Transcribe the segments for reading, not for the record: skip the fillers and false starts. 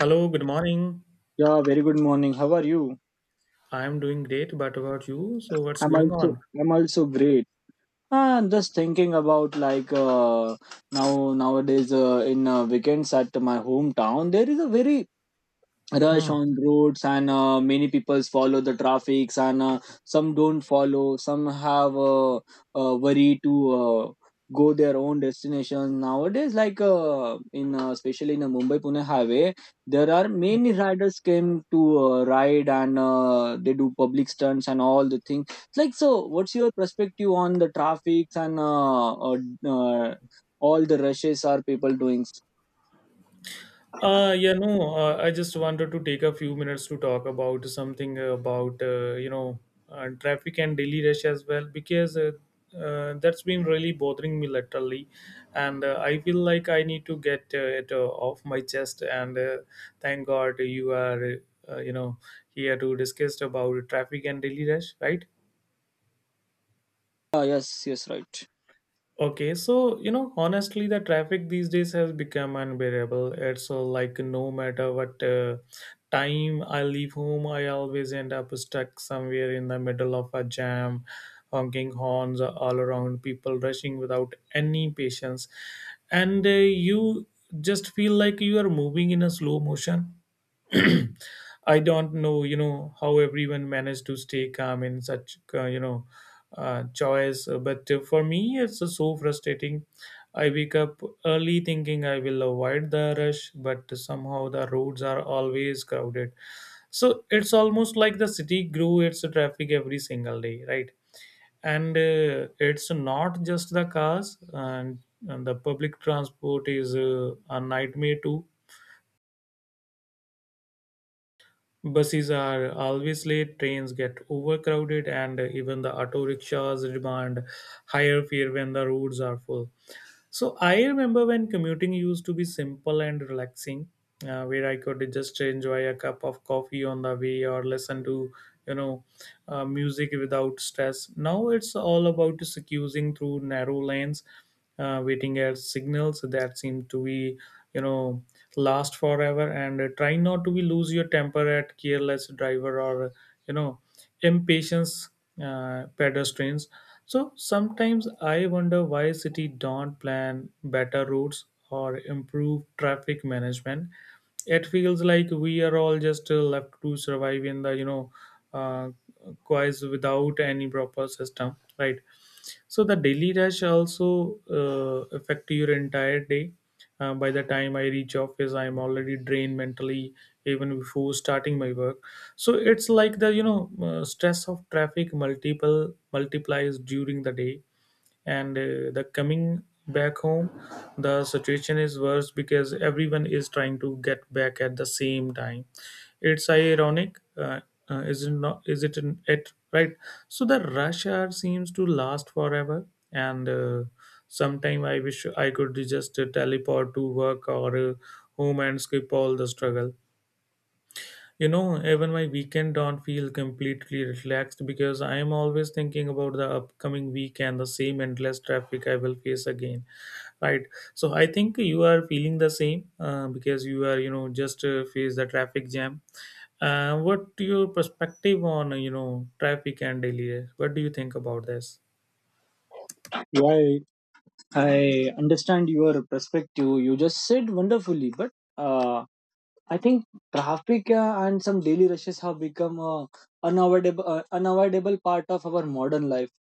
Hello, good morning. Yeah, very good morning. How are you? I am doing great, but about you? So, what's I'm going also on? I'm also great. Just thinking about nowadays in weekends at my hometown there is a very rush Hmm. on roads, and many people follow the traffics, and some don't follow, some have worry to go their own destination nowadays, like in especially in the Mumbai Pune highway. There are many riders came to ride, and they do public stunts and all the things. So what's your perspective on the traffics and uh, all the rushes are people doing? Yeah, no, I just wanted to take a few minutes to talk about something traffic and daily rush as well, because that's been really bothering me literally. And I feel like I need to get it off my chest. And thank God you are, uh, you know, here to discuss about traffic and daily rush, right? Yes, yes, right. Okay, so you know, honestly, the traffic these days has become unbearable. It's like no matter what time I leave home, I always end up stuck somewhere in the middle of a jam, honking horns all around, people rushing without any patience, and you just feel like you are moving in a slow motion. I don't know, you know, how everyone managed to stay calm in such, choice. But for me, it's so frustrating. I wake up early thinking I will avoid the rush, but somehow the roads are always crowded. So it's almost like the city grew its traffic every single day, right? And it's not just the cars, and the public transport is a nightmare too. Buses are always late, trains get overcrowded, and even the auto rickshaws demand higher fare when the roads are full. So I remember when commuting used to be simple and relaxing, where I could just enjoy a cup of coffee on the way or listen to, you know, music without stress. Now it's all about excusing through narrow lanes, waiting at signals that seem to you know, last forever, and try not to be lose your temper at careless driver or, you know impatience pedestrians. So sometimes I wonder why city don't plan better routes or improve traffic management. It feels like we are all just left to survive in the uh, quiz without any proper system, right? So the daily rush also affect your entire day. By the time I reach office, I'm already drained mentally even before starting my work. So it's like the stress of traffic multiple multiplies during the day, and the coming back home the situation is worse because everyone is trying to get back at the same time. It's ironic is it not is it an, it right? So the rush hour seems to last forever, and sometime I wish I could just teleport to work or home and skip all the struggle. You know, even my weekend don't feel completely relaxed because I am always thinking about the upcoming week and the same endless traffic I will face again, right? So I think you are feeling the same because you are, you know, just face the traffic jam. What your perspective on, you know, traffic and daily life? What do you think about this? Yeah, I understand your perspective. You just said wonderfully, but uh, I think traffic and some daily rushes have become a unavoidable part of our modern life.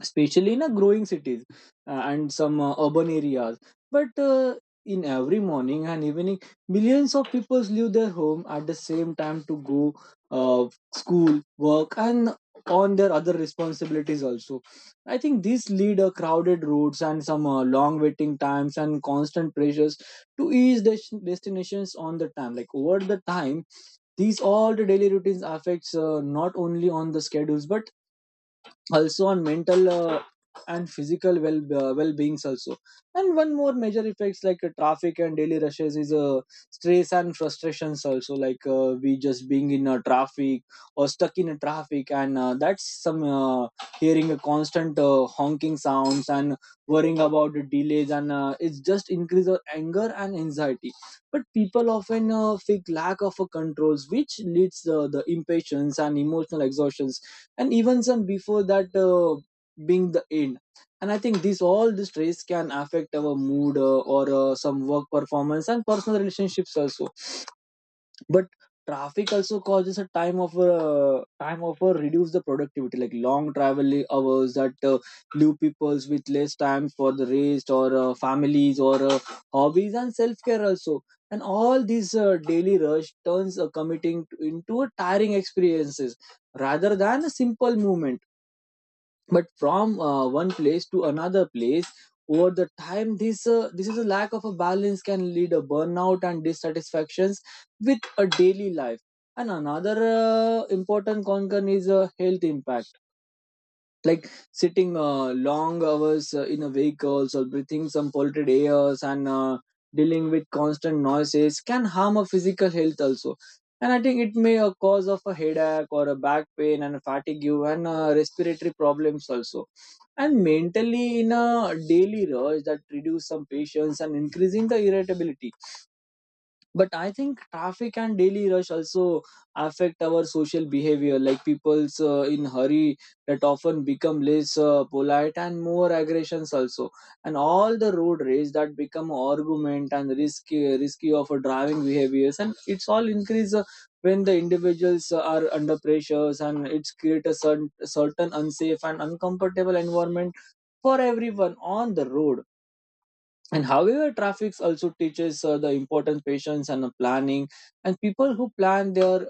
Especially in a growing cities and some urban areas, but in every morning and evening, millions of people leave their home at the same time to go uh, school, work, and on their other responsibilities also. I think these lead crowded roads and some long waiting times and constant pressures to each destinations on the time. Like over the time, these all the daily routines affects not only on the schedules, but also on mental and physical well beings also. And one more major effects traffic and daily rushes is stress and frustrations also. We just being in a traffic or stuck in a traffic, and that's some hearing a constant honking sounds and worrying about the delays, and it's just increase of anger and anxiety. But people often feel lack of controls, which leads the impatience and emotional exhaustion, and even some before that being the end. And I think this all the stress can affect our mood or some work performance and personal relationships also. But traffic also causes a time of reduce the productivity, like long travel hours that leave peoples with less time for the rest or families or hobbies and self-care also. And all these daily rush turns committing into a tiring experiences rather than a simple movement, but from one place to another place. Over the time, this is a lack of a balance can lead a burnout and dissatisfactions with a daily life. And another important concern is a health impact, like sitting long hours in a vehicle or breathing some polluted airs, and dealing with constant noises can harm a physical health also. And I think it may cause of a headache or a back pain and fatigue, and respiratory problems also. And mentally in a daily rush that reduce some patience and increasing the irritability. But I think traffic and daily rush also affect our social behavior, like people's in hurry that often become less polite and more aggressions also. And all the road rage that become argument and risky of driving behaviors, and it's all increase when the individuals are under pressures, and it's create a certain unsafe and uncomfortable environment for everyone on the road. And however, traffic also teaches the important patience and planning, and people who plan their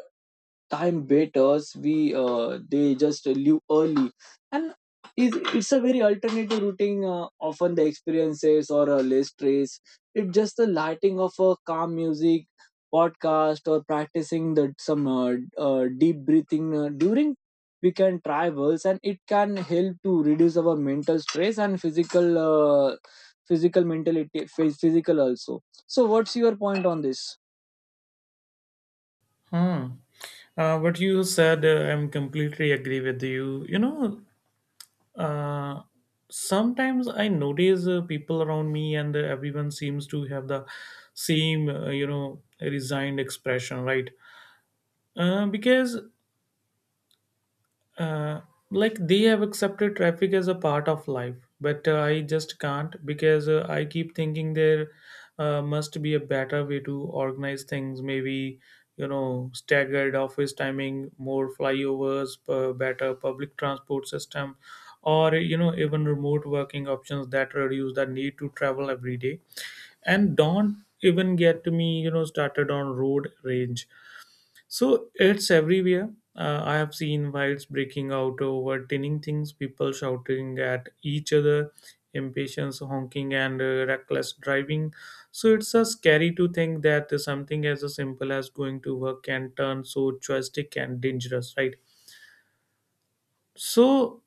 time waiters we they just leave early. And it's a very alternative routing often the experiences or less stress. It's just the lighting of a calm music, podcast, or practicing the some deep breathing during weekend travels, and it can help to reduce our mental stress and physical physical mentality physical also. So what's your point on this? Hmm. What you said, I'm completely agree with you. You know, Uh, sometimes I notice people around me and everyone seems to have the same, resigned expression, right? Because uh, like they have accepted traffic as a part of life, but I just can't because I keep thinking there must be a better way to organize things. Maybe you know staggered office timing, more flyovers, better public transport system, or you know, even remote working options that reduce the need to travel every day. And don't even get me, you know, started on road rage. So it's everywhere. I have seen fights breaking out over tinning things, people shouting at each other, impatience, honking, and reckless driving. So it's a scary to think that something as a simple as going to work can turn so drastic and dangerous, right? So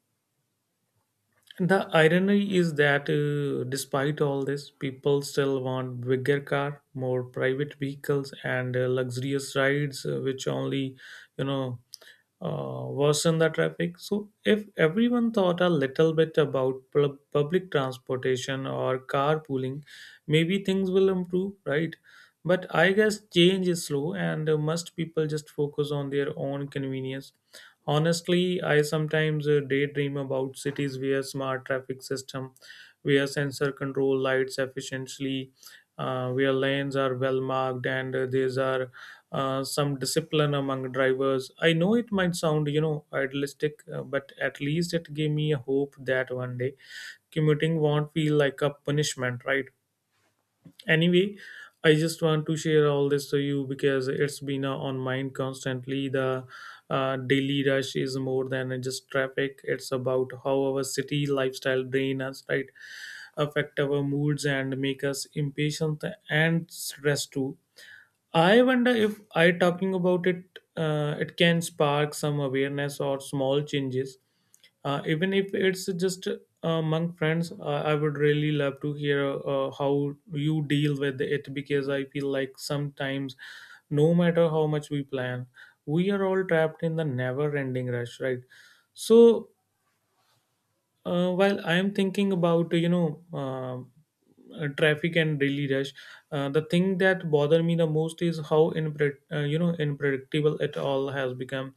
the irony is that despite all this, people still want bigger car, more private vehicles, and luxurious rides, which only you know worsen the traffic. So, if everyone thought a little bit about public transportation or carpooling, maybe things will improve, right? But I guess change is slow, and most people just focus on their own convenience. Honestly, I sometimes daydream about cities where smart traffic system, where sensor control lights efficiently, where lanes are well marked, and these are some discipline among drivers. I know it might sound, you know, idealistic, but at least it gave me a hope that one day commuting won't feel like a punishment, right? Anyway, I just want to share all this to you because it's been on mind constantly. The daily rush is more than just traffic. It's about how our city lifestyle drain us, right? Affect our moods and make us impatient and stressed too. I wonder if I talking about it, it can spark some awareness or small changes, even if it's just among friends. I would really love to hear how you deal with it because I feel like sometimes, no matter how much we plan, we are all trapped in the never-ending rush, right? So while I am thinking about traffic and daily rush, the thing that bother me the most is how you know, unpredictable it all has become.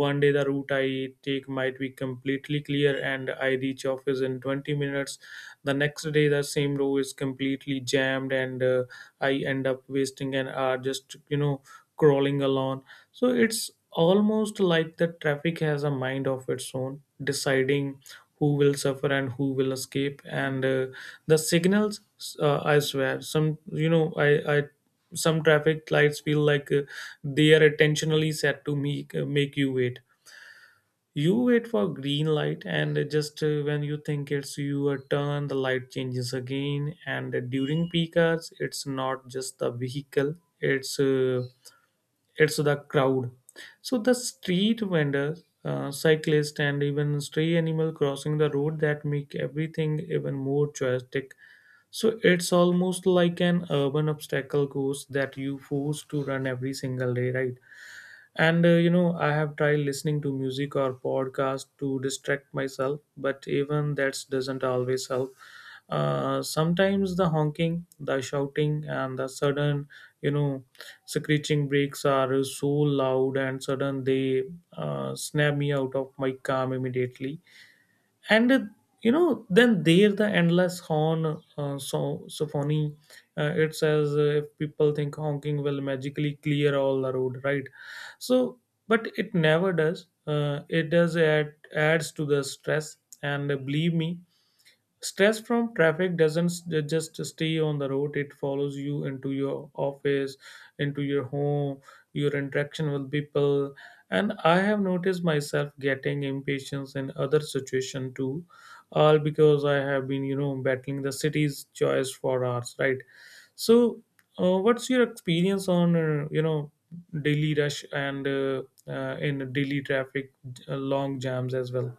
One day the route I take might be completely clear and I reach office in 20 minutes. The next day the same road is completely jammed, and I end up wasting an hour just, you know, crawling along. So it's almost like the traffic has a mind of its own, deciding who will suffer and who will escape, and the signals, I swear some, you know I some traffic lights feel like they are intentionally set to make you wait. You wait for green light, and just when you think it's your turn, the light changes again. And during peak hours, it's not just the vehicle, it's uh, it's the crowd. So the street vendors, cyclists, and even stray animal crossing the road that make everything even more chaotic. So it's almost like an urban obstacle course that you force to run every single day, right? And you know, I have tried listening to music or podcast to distract myself, but even that doesn't always help. Sometimes the honking, the shouting, and the sudden, you know, screeching brakes are so loud and sudden they snap me out of my calm immediately, and you know, then there the endless horn so symphony. It says if people think honking will magically clear all the road, right? So but it never does. It does add, adds to the stress. And believe me, stress from traffic doesn't just stay on the road, it follows you into your office, into your home, your interaction with people. And I have noticed myself getting impatience in other situation too, all because I have been, you know, battling the city's choice for hours, right? So, what's your experience on, daily rush and in daily traffic, long jams as well?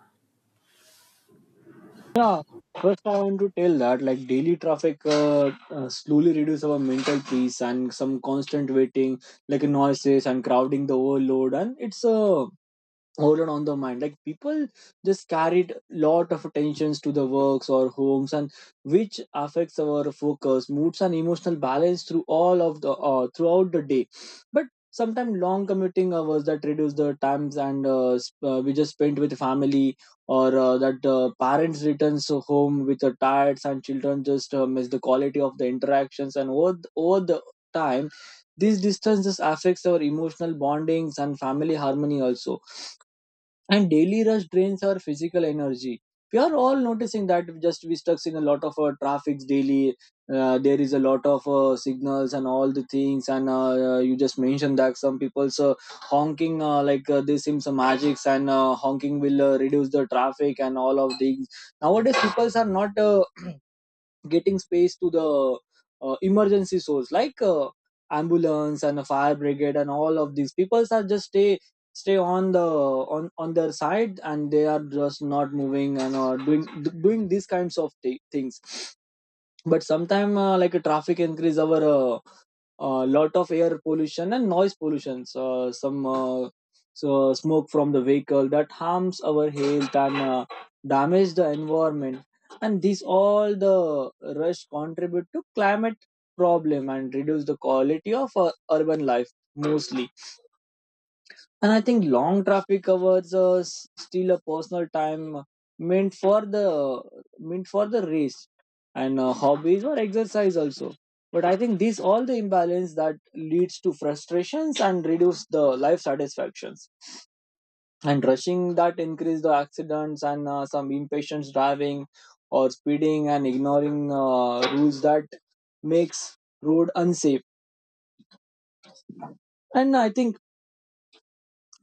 Yeah, first I want to tell that like daily traffic slowly reduce our mental peace and some constant waiting, like noises and crowding the overload, and it's a overload on the mind, like people just carried lot of attentions to the works or homes, and which affects our focus moods and emotional balance through all of the throughout the day. But sometimes long commuting hours that reduce the times, and we just spent with family or that parents returns home with the tired, and children just miss the quality of the interactions, and over the time, these distances affects our emotional bondings and family harmony also. And daily rush drains our physical energy. We are all noticing that just we stuck in a lot of traffics daily. There is a lot of signals and all the things, and you just mentioned that some people's honking, they seem some magics, and honking will reduce the traffic and all of things. Nowadays people are not getting space to the emergency source, like ambulance and a fire brigade, and all of these people are just stay on the on their side, and they are just not moving, and doing these kinds of things. But sometime a traffic increase our a lot of air pollution and noise pollution, some so smoke from the vehicle that harms our health, and damage the environment. And these all the rush contribute to climate problem and reduce the quality of urban life mostly. And I think long traffic hours are still a personal time meant for the meant for the race and hobbies or exercise also. But I think this all the imbalance that leads to frustrations and reduce the life satisfactions, and rushing that increase the accidents and some impatient driving or speeding and ignoring rules that makes road unsafe. And I think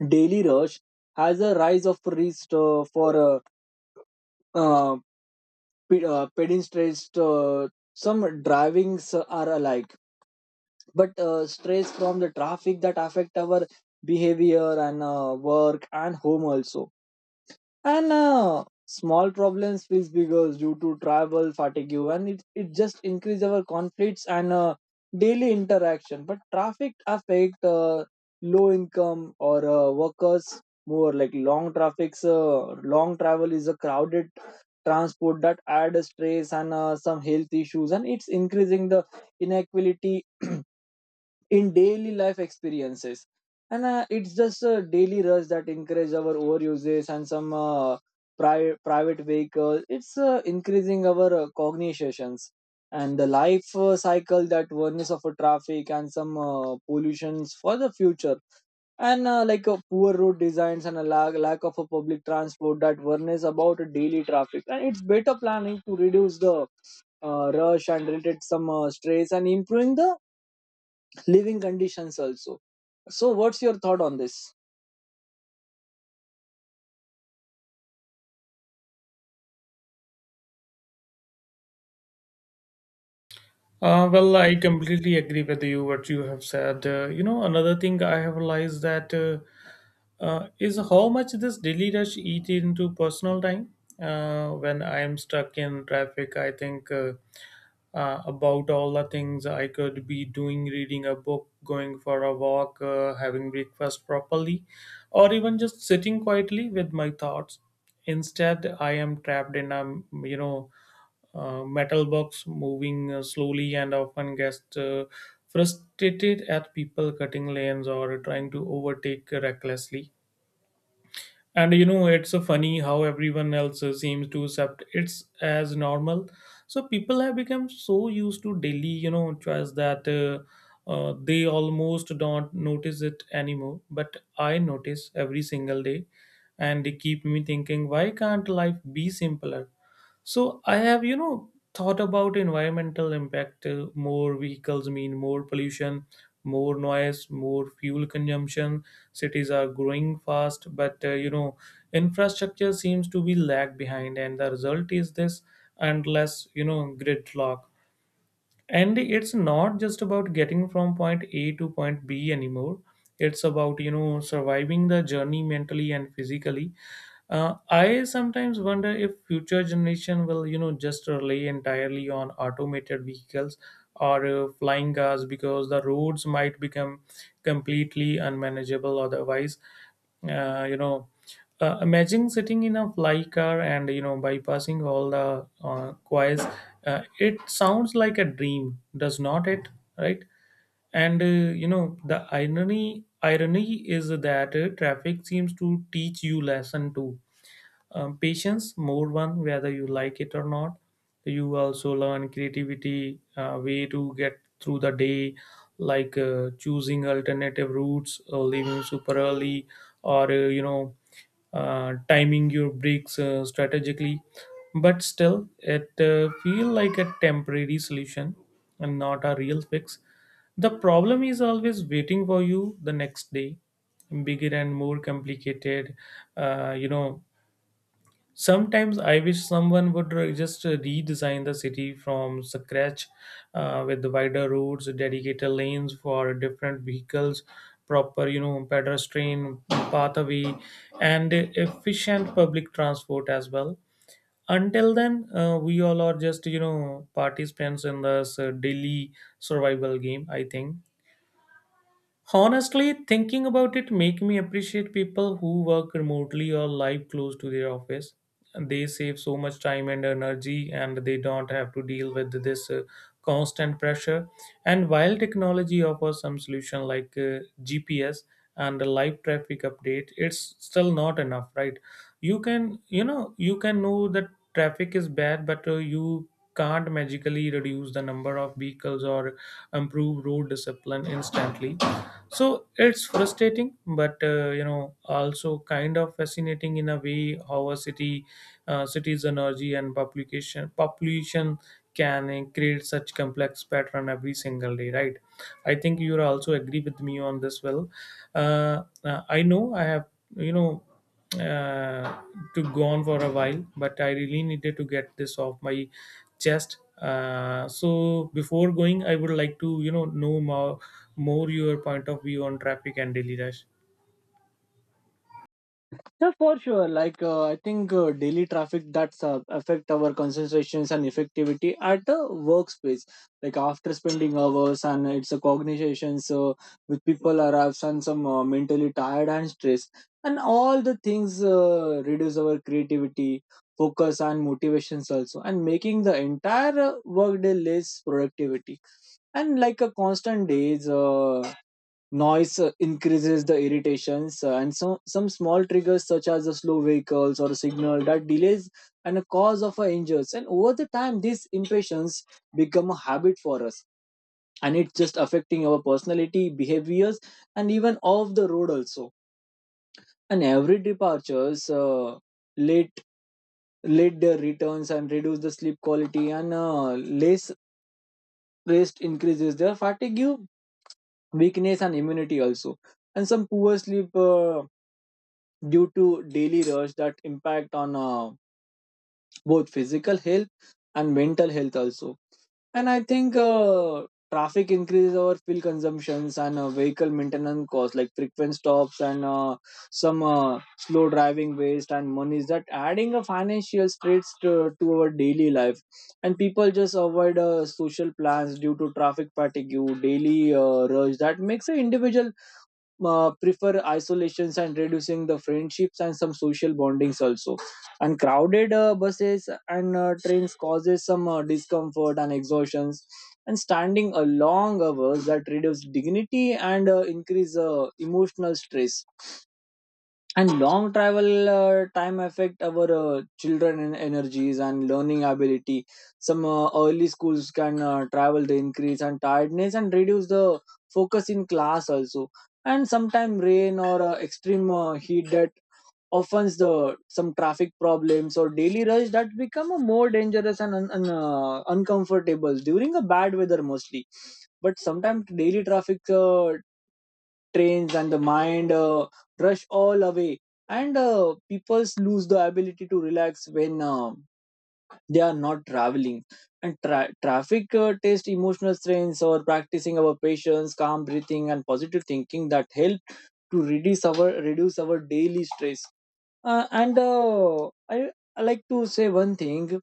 daily rush has a rise of risk for uh, pedestrians, some drivings are alike, but stress from the traffic that affect our behavior and work and home also. And small problems feels bigger due to travel fatigue, and it just increase our conflicts and daily interaction. But traffic affect low income or workers more. Like long traffic's long travel is a crowded transport that add stress and some health issues, and it's increasing the inequality in daily life experiences. And it's just a daily rush that encourage our overuses and some private vehicles, it's increasing our cognitions and the life cycle that oneness of a traffic and some pollutions for the future. And poor road designs and a lack of a public transport that worries about a daily traffic, and it's better planning to reduce the rush and related some stress and improving the living conditions also. So what's your thought on this? Well, I completely agree with you what you have said. You know, another thing I have realized that is how much this daily rush eat into personal time. When I am stuck in traffic, I think about all the things I could be doing, reading a book, going for a walk, having breakfast properly, or even just sitting quietly with my thoughts. Instead, I am trapped in a, you know metal box moving slowly and often gets frustrated at people cutting lanes or trying to overtake recklessly. And you know, it's funny how everyone else seems to accept it's as normal. So people have become so used to daily, you know, choice that they almost don't notice it anymore. But I notice every single day, and they keep me thinking, why can't life be simpler? So I have, you know, thought about environmental impact. More vehicles mean more pollution, more noise, more fuel consumption. Cities are growing fast, but you know, infrastructure seems to be lag behind, and the result is this endless, you know, gridlock. And it's not just about getting from point A to point B anymore. It's about, you know, surviving the journey mentally and physically. I sometimes wonder if future generation will, you know, just rely entirely on automated vehicles or flying cars because the roads might become completely unmanageable otherwise. Uh, you know, imagine sitting in a fly car and bypassing all the quays. It sounds like a dream, does not it? Right? And the irony is that traffic seems to teach you lesson too, patience more one whether you like it or not. You also learn creativity, way to get through the day, like choosing alternative routes or leaving super early, or timing your breaks strategically, but still it feel like a temporary solution and not a real fix. The problem is always waiting for you the next day, bigger and more complicated. uh, you know Sometimes I wish someone would re- just redesign the city from scratch, with wider roads, dedicated lanes for different vehicles, proper, pedestrian pathway, and efficient public transport as well. Until then, we all are just, participants in this daily survival game, I think. Honestly, thinking about it make me appreciate people who work remotely or live close to their office. They save so much time and energy and they don't have to deal with this constant pressure. And while technology offers some solution like GPS and a live traffic update, it's still not enough, right? You can, you can know that traffic is bad, but you can't magically reduce the number of vehicles or improve road discipline instantly. So it's frustrating but also kind of fascinating in a way how a city's energy and publication population can create such complex pattern every single day, right? I think you also agree with me on this. Well, I know I have you know uh, to go on for a while, but I really needed to get this off my chest. So before going, I would like to know more your point of view on traffic and daily rush. Yeah, for sure. I think daily traffic that's affect our concentrations and effectivity at the workspace. Like after spending hours and it's a cognition, so with people arrives and some mentally tired and stressed, and all the things reduce our creativity, focus, and motivations also, and making the entire workday less productivity. And like a constant days, noise increases the irritations, and some small triggers such as the slow vehicles or a signal that delays and a cause of our injuries. And over the time, these impatience become a habit for us, and it's just affecting our personality, behaviors, and even off the road also. And every departures late late their returns and reduce the sleep quality, and less rest increases their fatigue, weakness, and immunity also. And some poor sleep. Due to daily rush that impact on both physical health and mental health also. And I think traffic increases our fuel consumptions and vehicle maintenance costs, like frequent stops and some slow driving waste and monies that adding a financial straits to our daily life. And people just avoid social plans due to traffic fatigue. Daily rush that makes an individual prefer isolations and reducing the friendships and some social bondings also. And crowded buses and trains causes some discomfort and exhaustions. And standing a long hours that reduce dignity and increase emotional stress. And long travel time affect our children energies and learning ability. Some early schools can travel the increase and tiredness and reduce the focus in class also. And sometimes rain or extreme heat that offends the some traffic problems or daily rush that become a more dangerous and uncomfortable during a bad weather mostly. But sometimes daily traffic trains and the mind rush all away. And people lose the ability to relax when they are not traveling. And traffic test emotional strengths or practicing our patience, calm breathing, and positive thinking that help to reduce our daily stress. Uh, and uh, i I like to say one thing.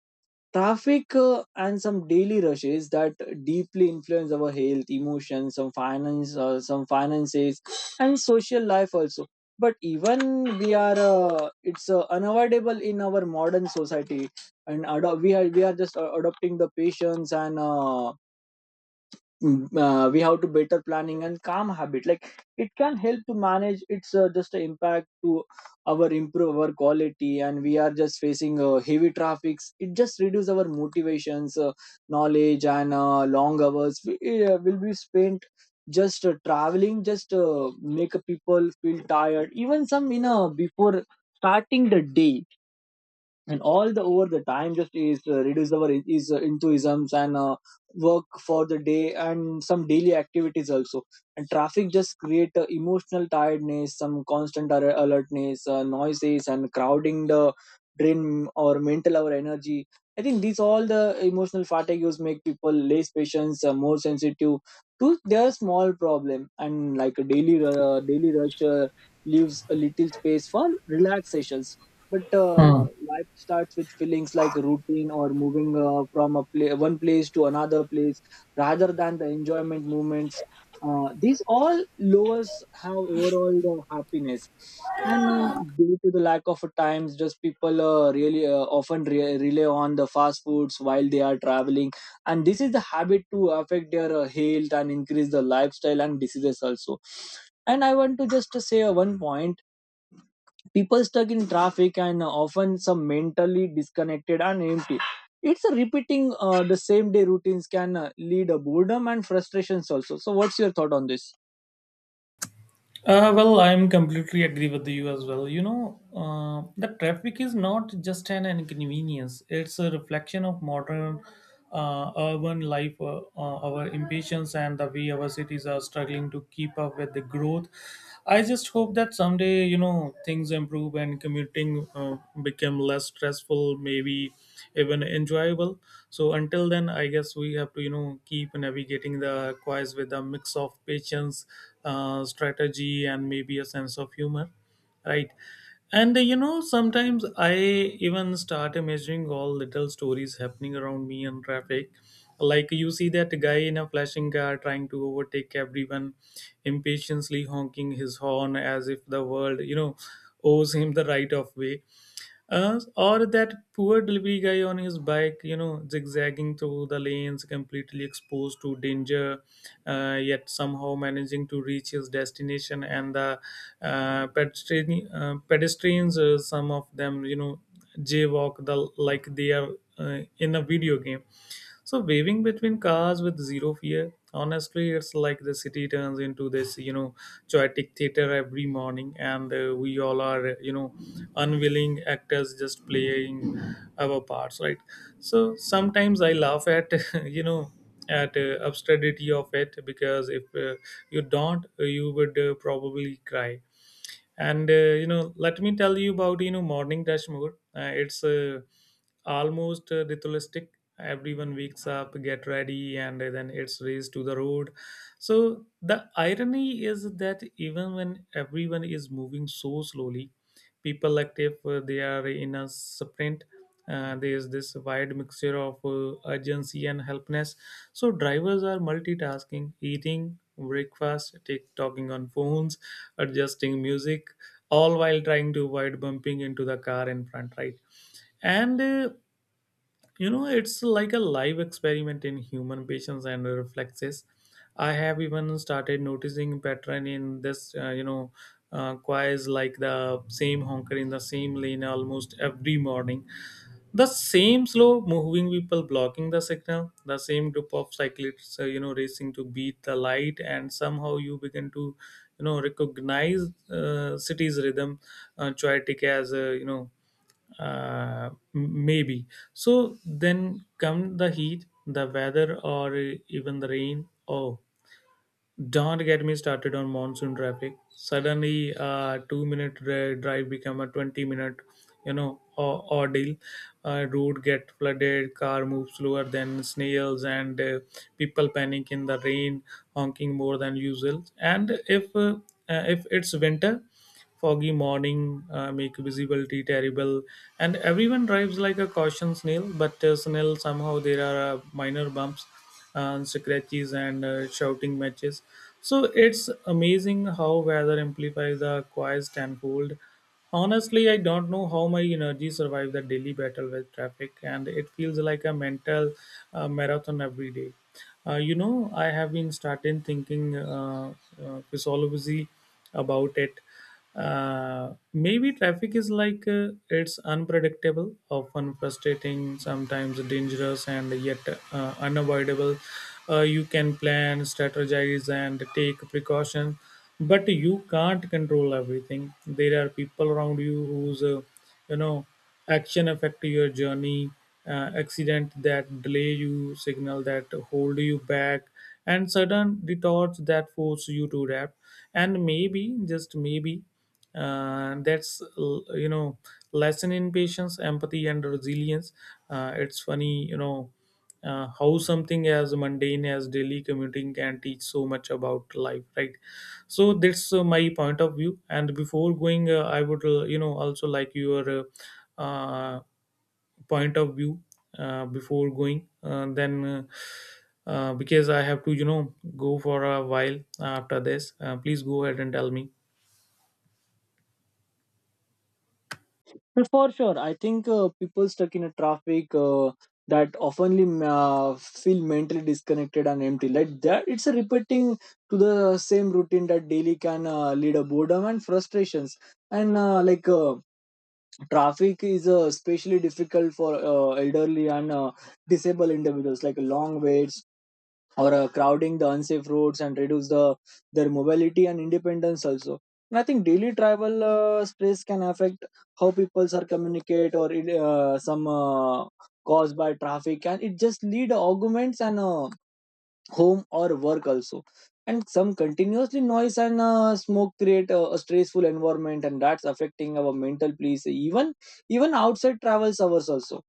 Traffic and some daily rushes that deeply influence our health, emotions, some finances, and social life also. But even we are, it's unavoidable in our modern society, and we are just adopting the patience and. We have to better planning and calm habit, like it can help to manage its just impact to our improve our quality. And we are just facing heavy traffics, it just reduce our motivations, knowledge, and long hours we, will be spent just traveling just make people feel tired, even some before starting the day. And all the over the time just is reduce our I- is into and work for the day and some daily activities also. And traffic just create emotional tiredness, some constant alertness, noises, and crowding the drain or mental our energy. I think these all the emotional fatigues make people less patience, more sensitive to their small problem. And like a daily rush leaves a little space for relaxation. But Hmm. Life starts with feelings like routine or moving from a one place to another place rather than the enjoyment moments. These all lowers how overall the happiness. And due to the lack of times, just people really often rely on the fast foods while they are traveling. And this is the habit to affect their health and increase the lifestyle and diseases also. And I want to just say one point: people stuck in traffic and often some mentally disconnected and empty. It's a repeating the same day routines can lead a boredom and frustrations also. So what's your thought on this? Well, I'm completely agree with you as well. The traffic is not just an inconvenience; it's a reflection of modern urban life, our impatience, and the way our cities are struggling to keep up with the growth. I just hope that someday, things improve and commuting become less stressful, maybe even enjoyable. So until then, I guess we have to, keep navigating the quiz with a mix of patience, strategy, and maybe a sense of humor, right? And sometimes I even start imagining all little stories happening around me in traffic. Like you see that guy in a flashing car trying to overtake everyone, impatiently honking his horn as if the world, owes him the right of way. Or that poor delivery guy on his bike, zigzagging through the lanes, completely exposed to danger, yet somehow managing to reach his destination. And the pedestrians, some of them, jaywalk the like they are in a video game. So waving between cars with zero fear. Honestly, it's like the city turns into this, chaotic theater every morning, and we all are, unwilling actors just playing our parts, right? So sometimes I laugh at, you know, at absurdity of it, because if you don't, you would probably cry. And let me tell you about morning rush more. It's Almost ritualistic. Everyone wakes up, get ready, and then it's raised to the road. So the irony is that even when everyone is moving so slowly, people active. They are in a sprint. There is this wide mixture of urgency and helpness. So drivers are multitasking, eating breakfast, take talking on phones, adjusting music, all while trying to avoid bumping into the car in front. Right, and it's like a live experiment in human patience and reflexes. I have even started noticing pattern in this, quiz, like the same honker in the same lane almost every morning, the same slow moving people blocking the signal, the same group of cyclists racing to beat the light, and somehow you begin to recognize city's rhythm, choetic as maybe. So then come the heat, the weather, or even the rain. Oh, don't get me started on monsoon traffic. Suddenly, a two-minute drive become a 20-minute, ordeal. Road get flooded, car move slower than snails, and people panic in the rain, honking more than usual. And if it's winter, foggy morning make visibility terrible, and everyone drives like a caution snail. But snail somehow there are minor bumps, scratches, and shouting matches. So it's amazing how weather amplifies the quiet tenfold. Honestly, I don't know how my energy survived the daily battle with traffic, and it feels like a mental marathon every day. I have been starting thinking physiology about it. Maybe traffic is like it's unpredictable, often frustrating, sometimes dangerous, and yet unavoidable. You can plan, strategize, and take precaution, but you can't control everything. There are people around you whose you know action affect your journey, accident that delay you, signal that hold you back, and sudden retorts that force you to adapt. And maybe just maybe, that's l- you know lesson in patience, empathy, and resilience. It's funny, how something as mundane as daily commuting can teach so much about life, right? So that's my point of view, and before going I would also like your uh, point of view. Before going, then because I have to go for a while after this. Please go ahead and tell me. Well, for sure I think people stuck in a traffic that oftenly uh, feel mentally disconnected and empty, like that it's a repeating to the same routine that daily can lead a boredom and frustrations. And traffic is especially difficult for elderly and disabled individuals, like long waits or crowding the unsafe roads and reduce the their mobility and independence also. And I think daily travel stress can affect how people are communicate or it, some caused by traffic, and it just lead arguments and home or work also. And some continuously noise and smoke create a stressful environment, and that's affecting our mental peace, even even outside travels hours also.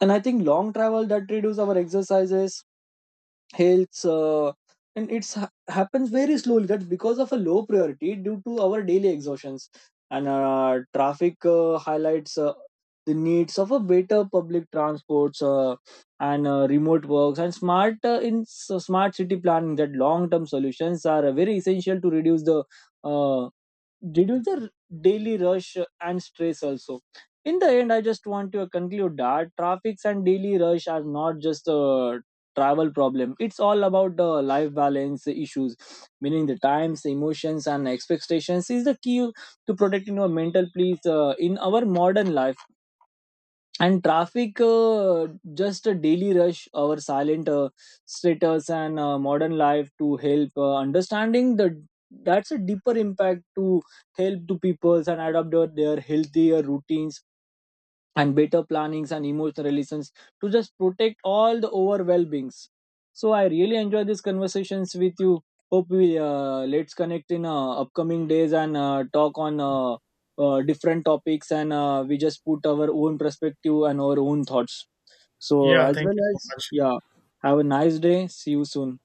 And I think long travel that reduce our exercises health, and happens very slowly, that's because of a low priority due to our daily exhaustions. And traffic highlights the needs of a better public transports, and remote works and smart smart city planning, that long term solutions are very essential to reduce the uh, reduce the r- daily rush and stress also. In the end, I just want to conclude that traffics and daily rush are not just a travel problem, it's all about the life balance issues. Meaning the times, emotions, and expectations is the key to protecting our mental peace in our modern life. And traffic just a daily rush, our silent status and modern life to help understanding the that's a deeper impact to help to peoples and adopt their healthier routines and better plannings and emotional relations to just protect all the over well-beings. So I really enjoy these conversations with you. Hope we let's connect in upcoming days and talk on different topics and we just put our own perspective and our own thoughts. So Yeah, as thank well you so as, much. yeah, have a nice day. See you soon.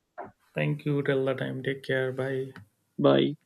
Thank you, till the time, take care, bye. Bye.